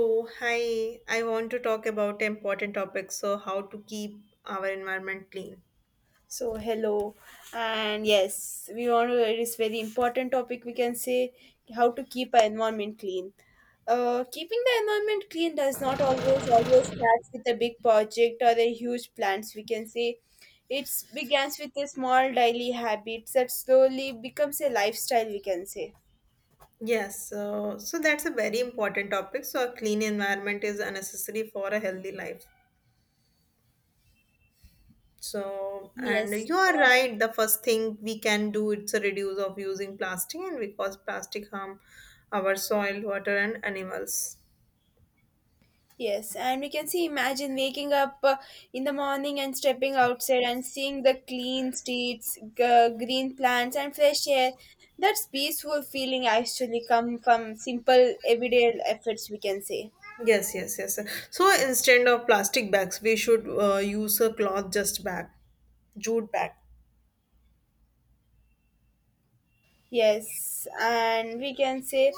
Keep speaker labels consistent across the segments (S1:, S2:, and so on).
S1: So, hi, I want to talk about important topics. So, how to keep our environment clean.
S2: So hello, and yes, we want to. It is very important topic. We can say how to keep our environment clean. Keeping the environment clean does not always starts with a big project or a huge plans. We can say it begins with a small daily habits that slowly becomes a lifestyle. We can say
S1: Yes, so that's a very important topic. So, a clean environment is unnecessary for a healthy life. So, and
S2: yes.
S1: you are right. The first thing we can do it's a reduce of using plastic, and because plastic harm our soil, water, and animals.
S2: Yes, and we can see imagine waking up in the morning and stepping outside and seeing the clean streets, green plants, and fresh air. That's peaceful feeling actually come from simple everyday efforts, we can say.
S1: Yes, yes, yes. So instead of plastic bags, we should use a cloth just bag, jute bag.
S2: Yes, and we can say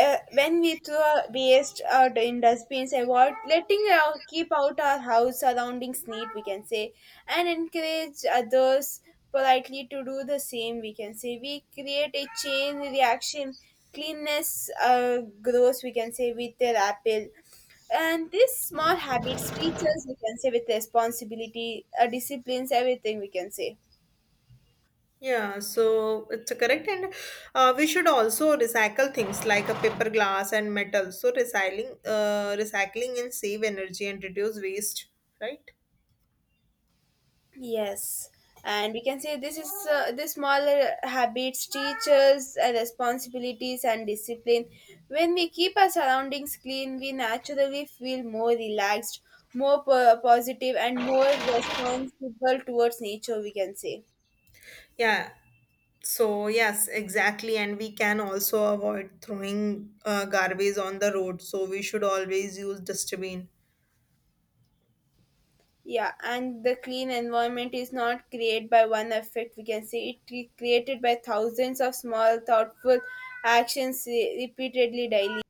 S2: when we throw waste out in dustbins, avoid letting keep out our house surroundings neat, we can say, and encourage others politely to do the same, we can say. We create a chain reaction. Cleanness grows, we can say, with their apple. And these small habits teach us, we can say, with responsibility, disciplines, everything, we can say.
S1: Yeah, so it's correct, and we should also recycle things like a paper, glass, and metal. So recycling, recycling and save energy and reduce waste, right?
S2: Yes, and we can say this is the smaller habits teach us responsibilities and discipline. When we keep our surroundings clean, we naturally feel more relaxed, more positive, and more responsible towards nature. We can say.
S1: Yeah. So yes, exactly, and we can also avoid throwing garbage on the road. So we should always use dustbin.
S2: Yeah, and the clean environment is not created by one effect. We can say it is created by thousands of small, thoughtful actions repeatedly daily.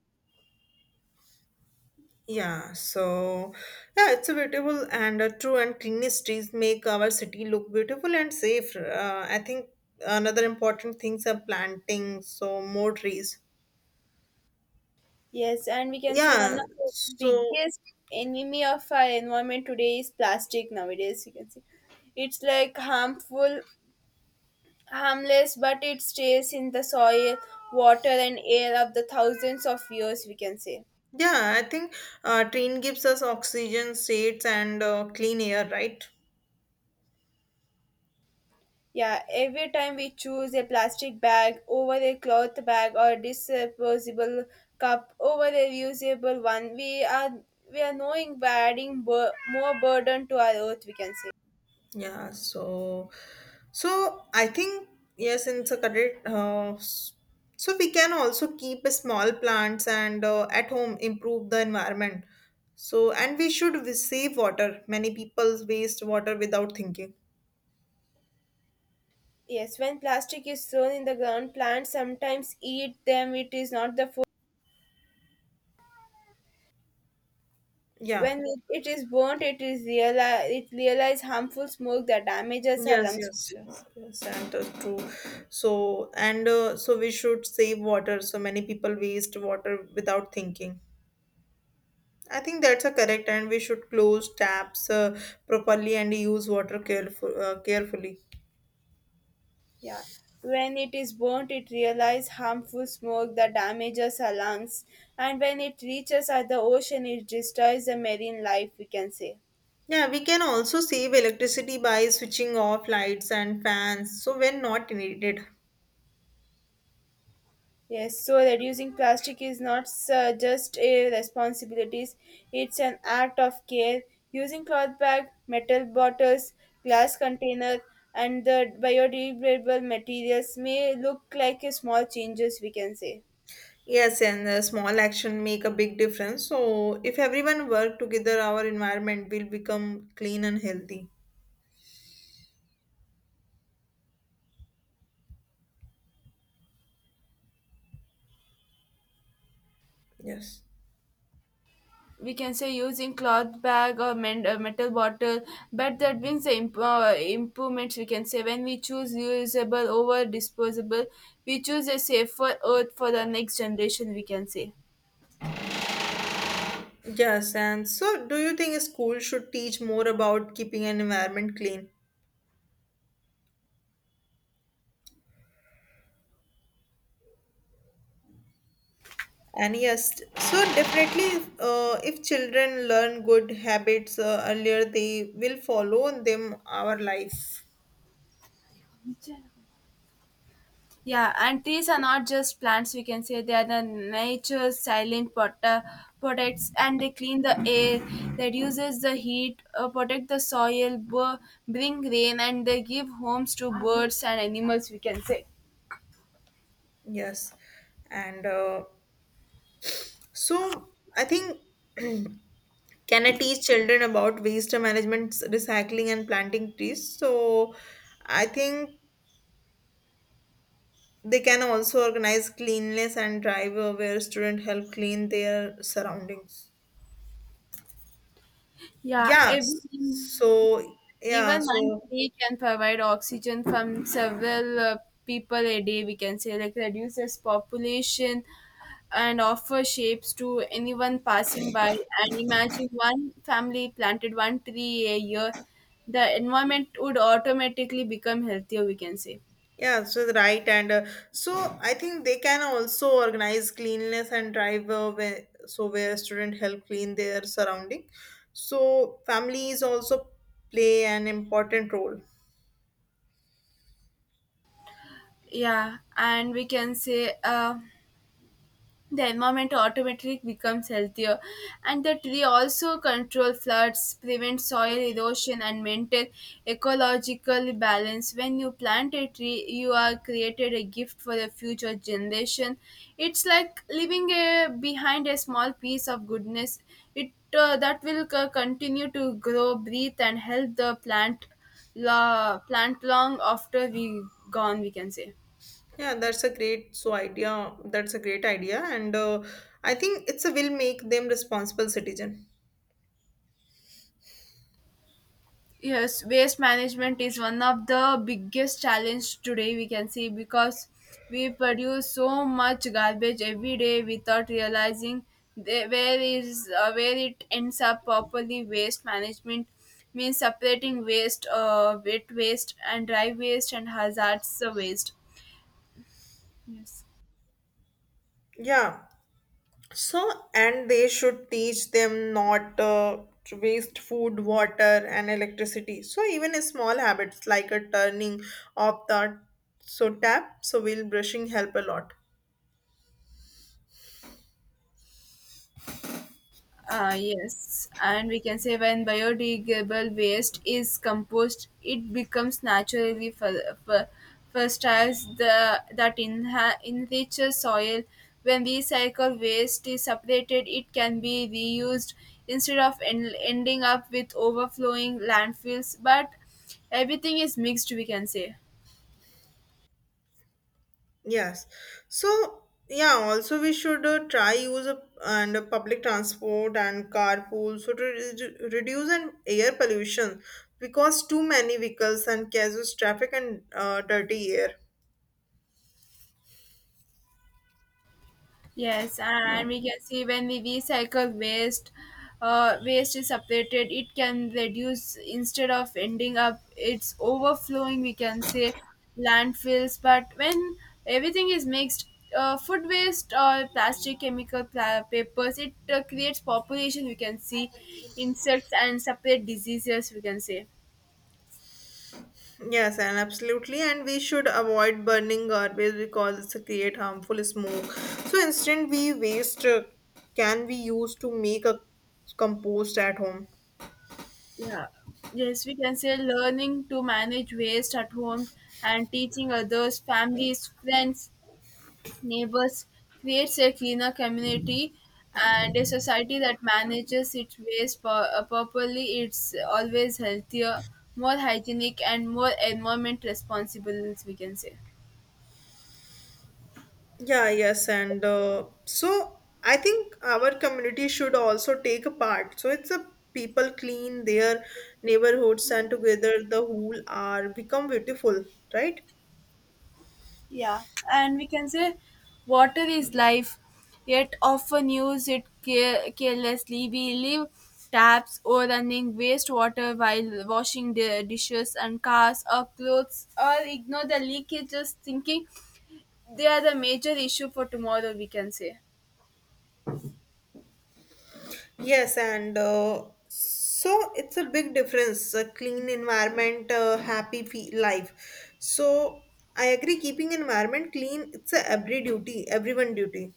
S1: Yeah, so yeah, it's a beautiful and true and clean streets make our city look beautiful and safe. I think another important things are planting, so more trees.
S2: Yes, and we can see one
S1: Yeah,
S2: of the
S1: so
S2: biggest enemy of our environment today is plastic nowadays. We can see it's like harmful, harmless, but it stays in the soil, water, and air of the thousands of years. We can say,
S1: yeah, I think train gives us oxygen, shades, and clean air, right?
S2: yeah, every time we choose a plastic bag over a cloth bag or disposable cup over a reusable one, we are knowing we're adding more burden to our earth. We can say.
S1: Yeah, so so I think yes, in Saturday, so we can also keep a small plants and at home improve the environment. So and we should we save water. Many people waste water without thinking.
S2: Yes, when plastic is thrown in the ground, plants sometimes eat them. It is not the food.
S1: Yeah.
S2: When it is burnt, it realize harmful smoke that damages our
S1: Yes,
S2: lungs.
S1: yes, yes, yes, and true. So and so we should save water. So many people waste water without thinking. I think that's a correct, and we should close taps properly and use water carefully.
S2: Yeah, when it is burnt, it realizes harmful smoke that damages our lungs, and when it reaches at the ocean, it destroys the marine life. We can say.
S1: Yeah, we can also save electricity by switching off lights and fans so when not needed.
S2: Yes, so reducing plastic is not just a responsibility, it's an act of care. Using cloth bag, metal bottles, glass container, and the biodegradable materials may look like a small changes we can say.
S1: Yes, and a small action make a big difference. So if everyone work together, our environment will become clean and healthy. Yes.
S2: We can say using cloth bag or metal bottle, but that brings the improvements. We can say when we choose reusable over disposable, we choose a safer earth for the next generation. We can say.
S1: Yes, and so do you think a school should teach more about keeping an environment clean? And yes, so definitely, if children learn good habits earlier, they will follow them our life.
S2: Yeah, and trees are not just plants, we can say they are the nature's silent pot, products and they clean the air, they reduces the heat, protect the soil, bring rain, and they give homes to birds and animals, we can say.
S1: Yes, and so I think can I teach children about waste management, recycling, and planting trees? So I think they can also organize cleanliness and drive where students help clean their surroundings.
S2: Yeah,
S1: Yeah.
S2: everything.
S1: So yeah.
S2: Even one
S1: So.
S2: tree can provide oxygen from several people a day, we can say, like reduces population and offer shapes to anyone passing by. And imagine one family planted one tree a year, the environment would automatically become healthier, we can say.
S1: Yeah, so the right and so I think they can also organize cleanliness and drive where, so where student help clean their surrounding. So families also play an important role.
S2: Yeah, and we can say, the environment automatically becomes healthier and the tree also control floods prevent soil erosion and maintain ecological balance when you plant a tree you are created a gift for the future generation it's like leaving a, behind a small piece of goodness it that will continue to grow breathe and help the plant la, plant long after we gone we can say.
S1: Yeah, that's a great so idea. That's a great idea, and I think it's a will make them responsible citizen.
S2: Yes, waste management is one of the biggest challenge today we can see because we produce so much garbage every day without realizing where is where it ends up properly waste management means separating waste wet waste and dry waste and hazards waste yes.
S1: Yeah, so, and they should teach them not to waste food, water, and electricity. So, even a small habits like a turning off the so tap, so will brushing help a lot.
S2: Yes, and we can say when biodegradable waste is composed, it becomes naturally fertile the that enriches soil. When recycled waste is separated, it can be reused instead of ending up with overflowing landfills. But everything is mixed, we can say.
S1: Yes. So, yeah, also we should try use a, and public transport and carpool so to reduce and air pollution because too many vehicles and causes traffic and dirty air.
S2: Yes, and we can see when we recycle waste, waste is separated. It can reduce instead of ending up, it's overflowing. We can say landfills, but when everything is mixed, food waste or plastic, chemical papers, it creates population. We can see insects and separate diseases. We can say.
S1: Yes, and absolutely, and we should avoid burning garbage because it's a create harmful smoke. So instead, we waste can be used to make a compost at home.
S2: Yeah. Yes, we can say learning to manage waste at home and teaching others, families, friends neighbors creates a cleaner community and a society that manages its waste properly it's always healthier more hygienic and more environment responsible we can say
S1: Yeah, yes, and so I think our community should also take a part. So it's a people clean their neighborhoods and together the whole are become beautiful, right?
S2: yeah and we can say water is life yet often use it carelessly we leave taps overrunning wastewater while washing the dishes and cars or clothes or ignore the leakages thinking they are the major issue for tomorrow we can say
S1: Yes, and so it's a big difference. A clean environment, happy fe- life. So I agree. Keeping environment clean, it's a every duty, everyone duty.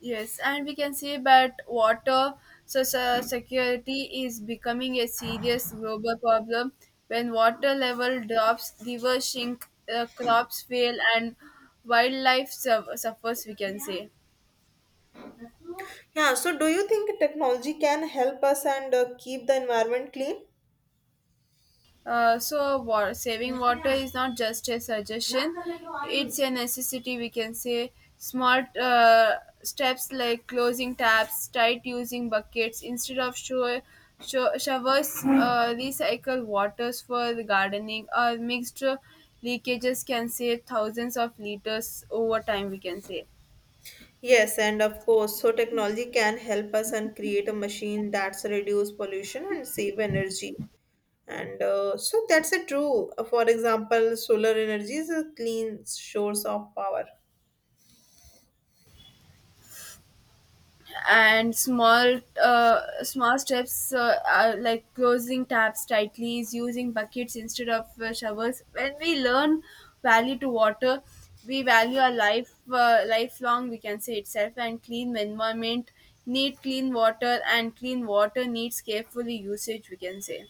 S2: yes and we can say that water so security is becoming a serious global problem when water level drops rivers shrink crops fail and wildlife suffers we can say.
S1: Yeah. So do you think technology can help us and keep the environment clean?
S2: Saving water is not just a suggestion, it's a necessity, we can say. Small steps like closing taps, tight using buckets instead of showers, recycle waters for the gardening, or mixed leakages can save thousands of liters over time, we can say.
S1: Yes, and of course, so technology can help us and create a machine that's reduce pollution and save energy. And so that's a true. For example, solar energy is a clean source of power.
S2: And small small steps are like closing taps tightly is using buckets instead of showers when we learn value to water we value our life lifelong we can say itself and clean environment need clean water and clean water needs carefully usage we can say.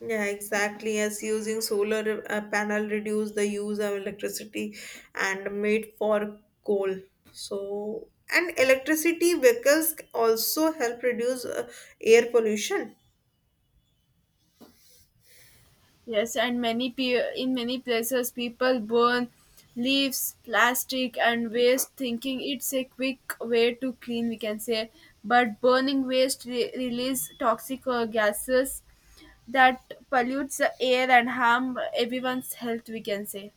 S1: Yeah, exactly. As using solar panel reduced the use of electricity and made for coal. So, and electricity vehicles also help reduce air pollution.
S2: Yes, and many in many places people burn leaves, plastic, and waste, thinking it's a quick way to clean. We can say, but burning waste release toxic gases that pollutes the air and harm everyone's health. We can say.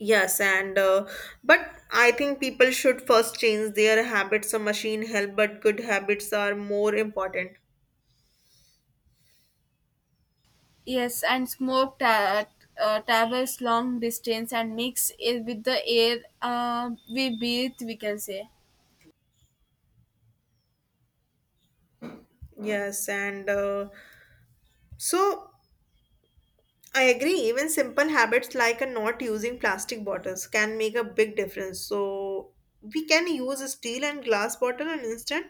S1: Yes, and but I think people should first change their habits. A machine help, but good habits are more important.
S2: Yes, and smoke travels long distance and mix it with the air we breathe. We can say.
S1: Yes, and so I agree. Even simple habits like a not using plastic bottles can make a big difference. So we can use a steel and glass bottle an instant.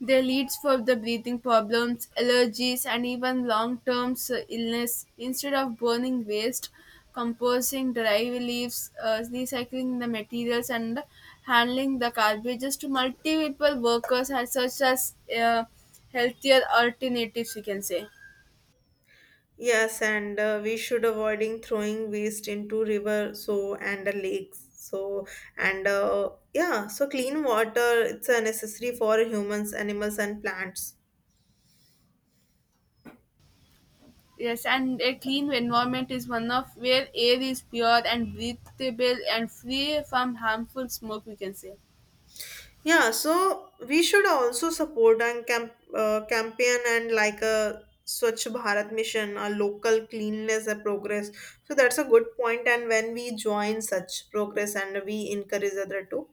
S2: They leads for the breathing problems, allergies, and even long-term illness. Instead of burning waste, composting dry leaves, recycling the materials, and handling the garbages to multiple workers as such as healthier alternatives. We can say
S1: Yes, and we should avoiding throwing waste into river so and the lakes. So and yeah, so clean water it's necessary for humans, animals, and plants.
S2: yes, and a clean environment is one of where air is pure and breathable and free from harmful smoke. We can say.
S1: Yeah, so we should also support and campaign and like a Swachh Bharat mission, a local cleanliness a progress. So that's a good point. And when we join such progress and we encourage other to,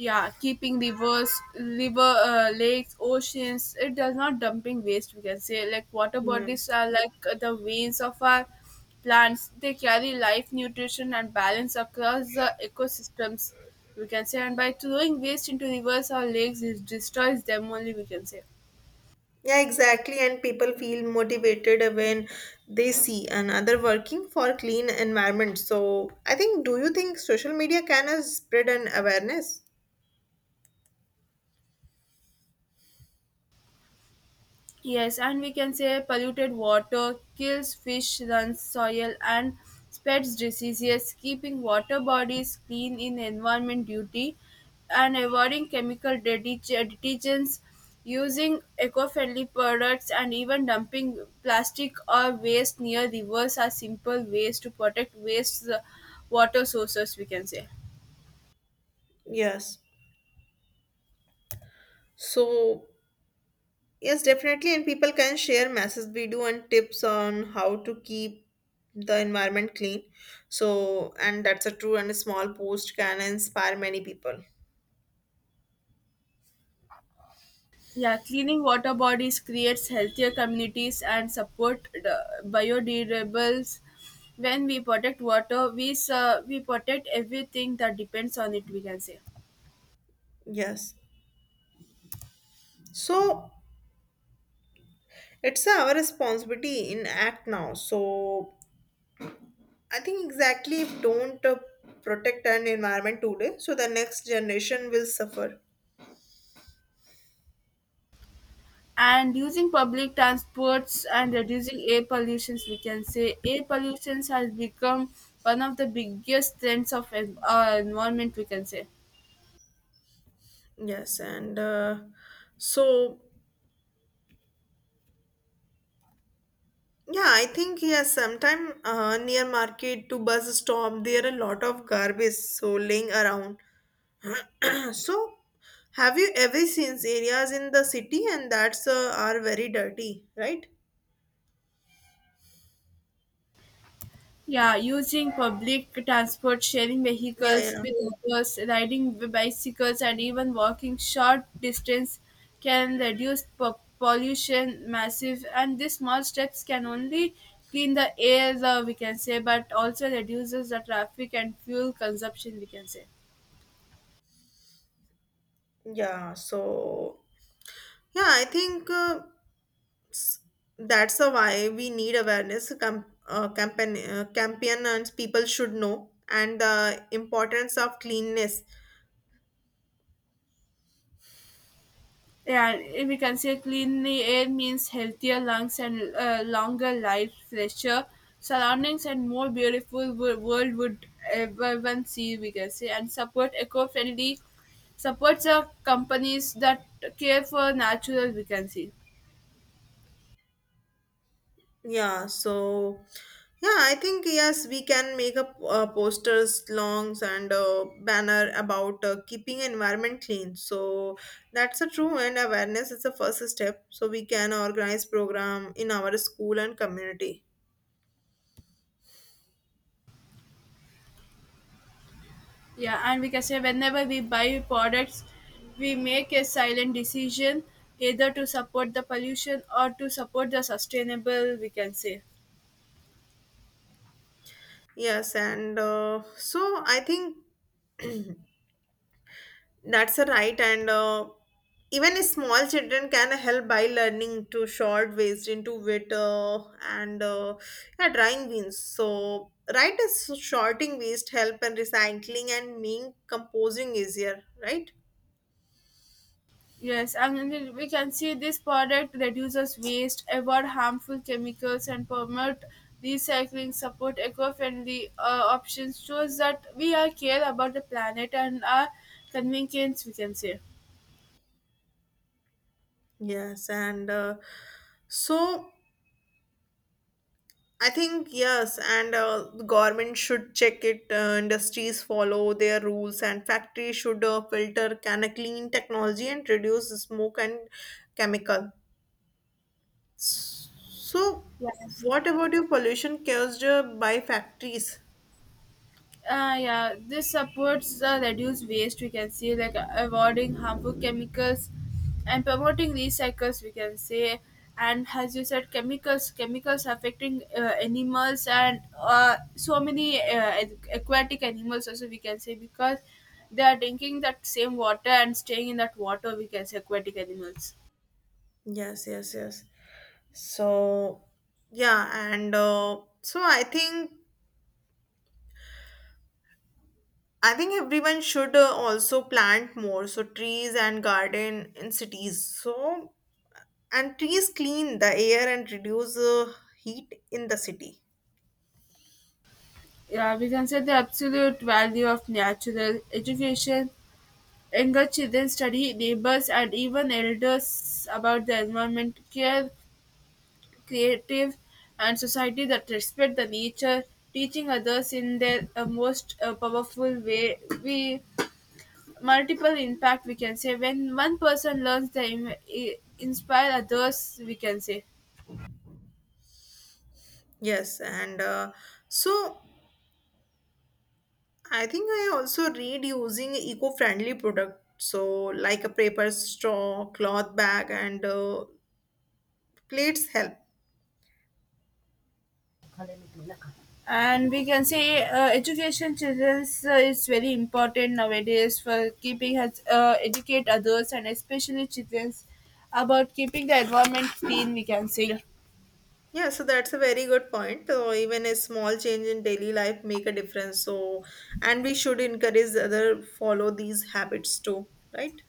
S2: Yeah keeping rivers river lakes oceans it does not dumping waste we can say like water
S1: yeah,
S2: bodies are like the veins of our plants they carry life nutrition and balance across the ecosystems we can say and by throwing waste into rivers or lakes it destroys them only we can say.
S1: yeah, exactly. And people feel motivated when they see another working for clean environment. So I think, do you think social media can spread an awareness?
S2: Yes, and we can say polluted water kills fish, runs soil, and spreads diseases. Keeping water bodies clean in environment duty, and avoiding chemical detergents, using eco-friendly products, and even dumping plastic or waste near rivers are simple ways to protect waste water sources. We can say.
S1: Yes. So yes, definitely. And people can share messages we do and tips on how to keep the environment clean. So, and that's a true and a small post can inspire many people.
S2: Yeah, cleaning water bodies creates healthier communities and support the biodegradables. When we protect water, we protect everything that depends on it. We can say,
S1: Yes. So, it's our responsibility in act now. So, I think exactly if don't protect an environment today, so the next generation will suffer.
S2: and using public transports and reducing air pollutions, we can say air pollutions has become one of the biggest trends of environment. We can say.
S1: Yes, and so yeah, I think yes. Sometime near market to bus stop, there are a lot of garbage so laying around. So, have you ever seen areas in the city and that's are very dirty, right?
S2: Yeah, using public transport, sharing
S1: Yeah,
S2: vehicles
S1: yeah,
S2: with others, riding bicycles, and even walking short distance can reduce pollution massive. And these small steps can only clean the air, we can say, but also reduces the traffic and fuel consumption, we can say.
S1: yeah. So, yeah, I think that's the why we need awareness campaign and people should know and the importance of cleanness.
S2: Yeah, if we can say clean air means healthier lungs and longer life, fresher surroundings, and more beautiful world would everyone see. We can say and support eco-friendly supports of companies that care for natural. We can see.
S1: Yeah, so yeah, I think yes, we can make up posters, longs, and banner about keeping environment clean. So that's a true, and awareness is the first step. So we can organize program in our school and community.
S2: Yeah, and we can say whenever we buy products, we make a silent decision either to support the pollution or to support the sustainable. We can say.
S1: Yes, and so I think. That's a right, and even a small children can help by learning to short ways into wit and yeah, drawing beans. So, right, is shorting waste help and recycling and making composing easier, right?
S2: Yes, and then we can see this product reduces waste, avoid harmful chemicals, and promote recycling. Support eco-friendly options shows that we are care about the planet and our convenience. We can say.
S1: Yes, and so I think yes, and the government should check it. Industries follow their rules, and factories should filter can a clean technology and reduce smoke and chemical. So, what about your pollution caused by factories?
S2: Yeah, this supports reduce waste. We can see like avoiding harmful chemicals and promoting recycles. We can say, and as you said, chemicals affecting animals and so many aquatic animals also. We can say because they are drinking that same water and staying in that water. We can say aquatic animals.
S1: Yes, yes, yes. So, yeah, and so I think everyone should also plant more. So trees and garden in cities. So and trees clean the air and reduce heat in the city.
S2: Yeah, we can say the absolute value of natural education. Younger children study neighbors and even elders about the environment, care, creative, and society that respect the nature, teaching others in their most powerful way. We multiple impact we can say when one person learns, they inspire others. We can say.
S1: Yes, and so I think I also read using eco-friendly product. So like a paper straw, cloth bag, and plates help.
S2: And we can say education children's is very important nowadays for keeping has educate others and especially children's about keeping the environment clean, we can say.
S1: Yeah, so that's a very good point. So even a small change in daily life make a difference. So and we should encourage other follow these habits too, right?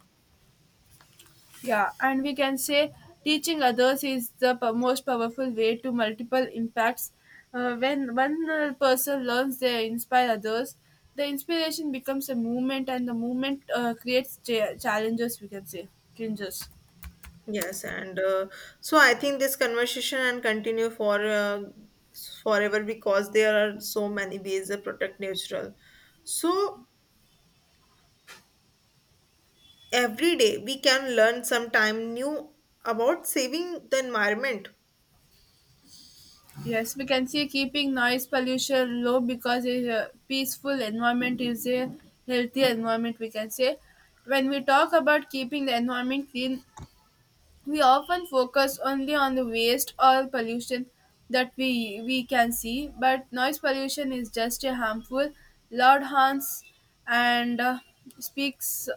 S2: Yeah, and we can say teaching others is the most powerful way to multiple impacts when one person learns, they inspire others. The inspiration becomes a movement and the movement creates challenges, we can say, changes.
S1: Yes, and so I think this conversation and continue for forever because there are so many ways to protect natural. So every day we can learn sometime new about saving the environment.
S2: Yes, we can see keeping noise pollution low because a peaceful environment is a healthy environment, we can say. When we talk about keeping the environment clean, we often focus only on the waste or pollution that we can see, but noise pollution is just a harmful, loud horns and speaks,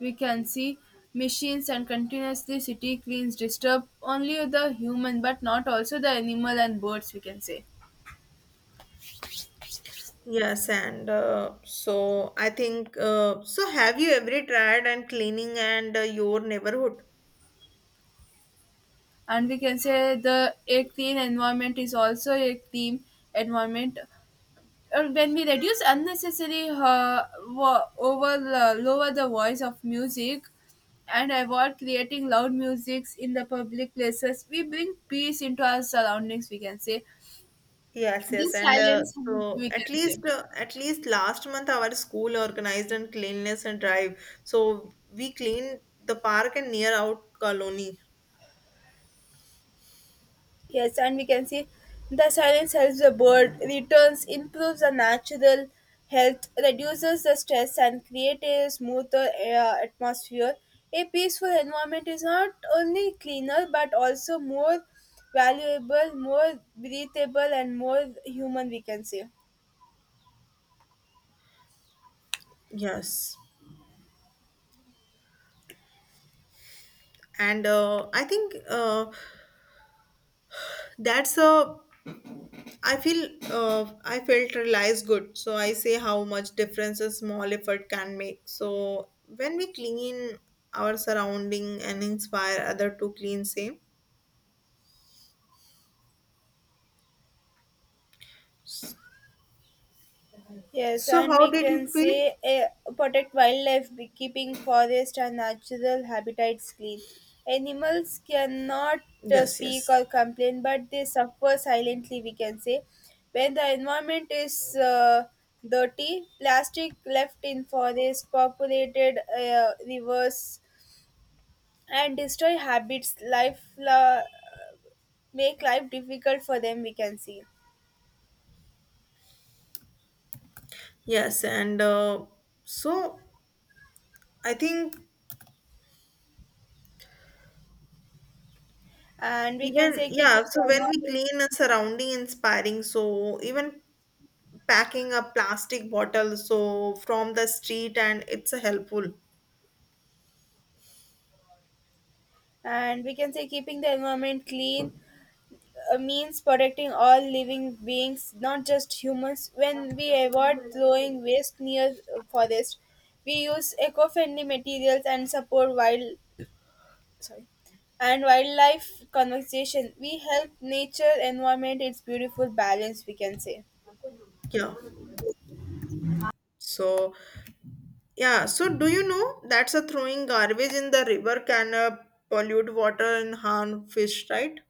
S2: we can see, machines and continuously city cleans disturb only the human but not also the animal and birds, we can say.
S1: Yes and so I think so have you ever tried and cleaning and your neighborhood.
S2: And we can say the a clean environment is also a clean environment. When we reduce unnecessary uh, over, lower the voice of music and avoid creating loud musics in the public places, we bring peace into our surroundings, we can say.
S1: Yes, yes
S2: This
S1: and
S2: silence,
S1: so
S2: we can say.
S1: at least last month our school organized and cleanliness and drive so we cleaned the park and near out colony.
S2: Yes, and we can see the silence helps the bird, returns, improves the natural health, reduces the stress, and creates a smoother atmosphere. A peaceful environment is not only cleaner but also more valuable, more breathable, and more human, we can say.
S1: Yes and I think that's a I feel I felt realized good. So I say how much difference a small effort can make. So when we clean our surrounding and inspire other to clean same.
S2: Yes,
S1: So
S2: and
S1: how
S2: we
S1: did it
S2: can
S1: feel?
S2: say protect wildlife by keeping forest and natural habitats clean. Animals cannot
S1: Yes,
S2: speak
S1: yes,
S2: or complain, but they suffer silently, we can say. When the environment is dirty, plastic left in forest, populated rivers, and destroy habits, life make life difficult for them, we can see.
S1: yes. And so I think
S2: And we can
S1: even
S2: say keeping
S1: yeah.
S2: the
S1: So when we
S2: environment,
S1: clean a surrounding inspiring, so even packing a plastic bottle so from the street and it's a helpful.
S2: and we can say keeping the environment clean means protecting all living beings, not just humans. When we avoid throwing waste near forest, we use eco-friendly materials and support wild, sorry, and wildlife conservation, we help nature environment its beautiful balance, we can say.
S1: Yeah so yeah so do you know that's a throwing garbage in the river can pollute water and harm fish, right?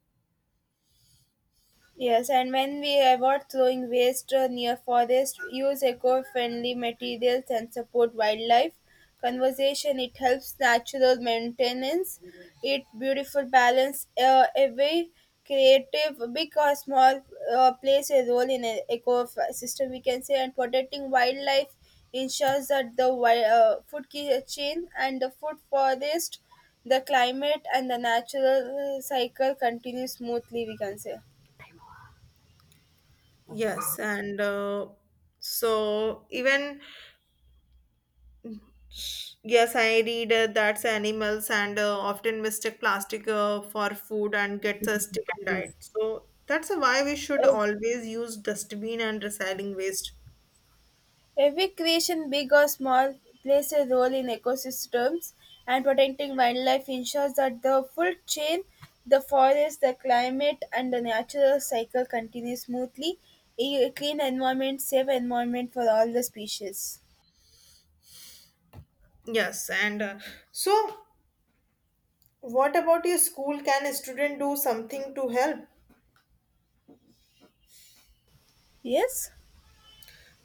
S2: Yes, and when we avoid throwing waste near forest, use eco-friendly materials and support wildlife conservation, it helps natural maintenance. It beautiful balance. Every creative, big or small, plays a role in an ecosystem, we can say. And protecting wildlife ensures that the food chain and the food forest, the climate and the natural cycle continue smoothly, we can say.
S1: Yes and so even yes I read that's animals and often mistake plastic for food and gets a stick and diet so that's why we should always use dustbin and recycling waste.
S2: Every creation, big or small, plays a role in ecosystems and protecting wildlife ensures that the full chain, the forest, the climate, and the natural cycle continue smoothly. A clean environment, safe environment for all the species.
S1: Yes and so what about your school? Can a student do something to help?
S2: Yes?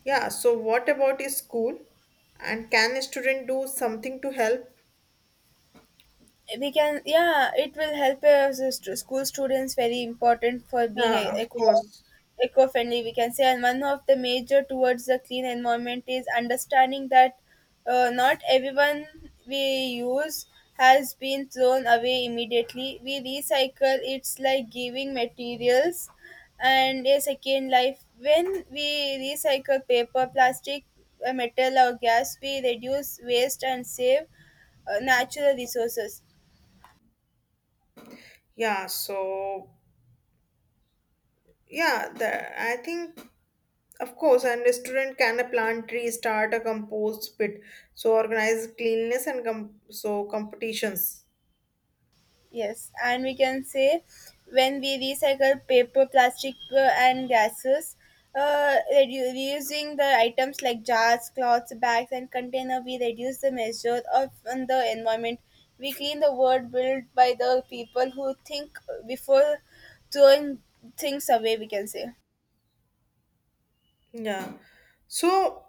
S1: Yeah, so what about your school? And can a student do something to help?
S2: We can, yeah, it will help us as school students very important for being
S1: Yeah, of
S2: eco,
S1: course.
S2: eco friendly, we can say. And one of the major towards the clean environment is understanding that not everyone we use has been thrown away immediately. We recycle, it's like giving materials and a second life. When we recycle paper, plastic, metal or gas, we reduce waste and save natural resources.
S1: Yeah, so yeah, the I think of course, and a student can a plant tree, start a compost pit, so organize cleanliness and so competitions.
S2: Yes, and we can say when we recycle paper, plastic, and gases, reusing the items like jars, cloths, bags, and container, we reduce the measure of on the environment. We clean the world built by the people who think before throwing things away, we can say.
S1: Yeah. So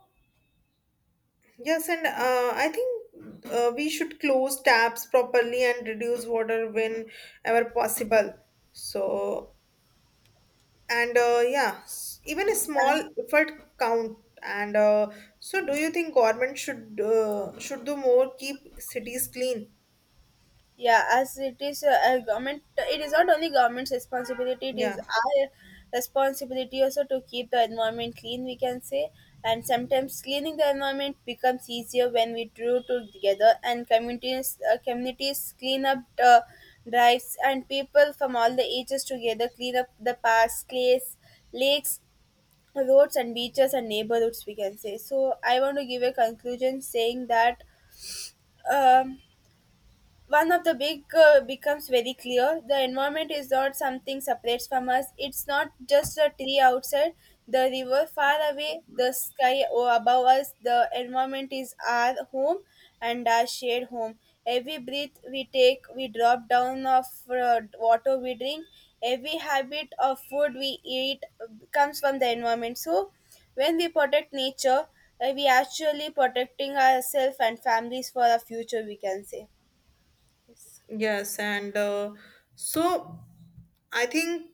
S1: yes, and I think we should close taps properly and reduce water whenever possible. So, and yeah, even a small effort count. And so, do you think government should do more keep cities clean?
S2: Yeah, as it is a government, it is not only government's responsibility, it is
S1: Yeah.
S2: our responsibility also to keep the environment clean, we can say. And sometimes cleaning the environment becomes easier when we draw together and communities, communities clean up the drives and people from all the ages together clean up the parks, clays, lakes, roads and beaches and neighborhoods, we can say. So I want to give a conclusion saying that. Um, One of the big becomes very clear. The environment is not something separates from us. It's not just a tree outside, the river far away, the sky above us. The environment is our home and our shared home. Every breath we take, we drop down of water we drink. Every habit of food we eat comes from the environment. So when we protect nature, we actually protecting ourselves and families for our future, we can say. Yes.
S1: Yes, and so I think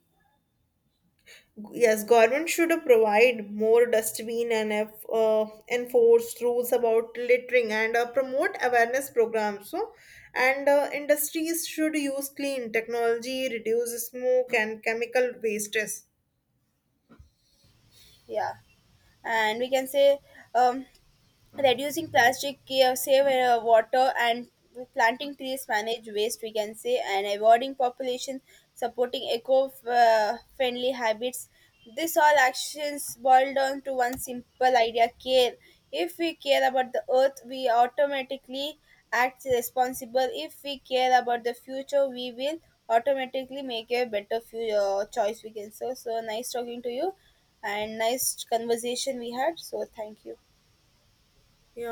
S1: yes, government should provide more dustbin and enforce rules about littering and promote awareness programs. So, and industries should use clean technology, reduce smoke and chemical wastes.
S2: Yeah, and we can say, um, reducing plastic, save water, and planting trees, manage waste, we can say, and avoiding population, supporting eco, friendly habits, this all actions boil down to one simple idea: care. If we care about the earth, we automatically act responsible. If we care about the future, we will automatically make a better future choice, we can say. So nice talking to you and nice conversation we had, so thank you.
S1: Yeah.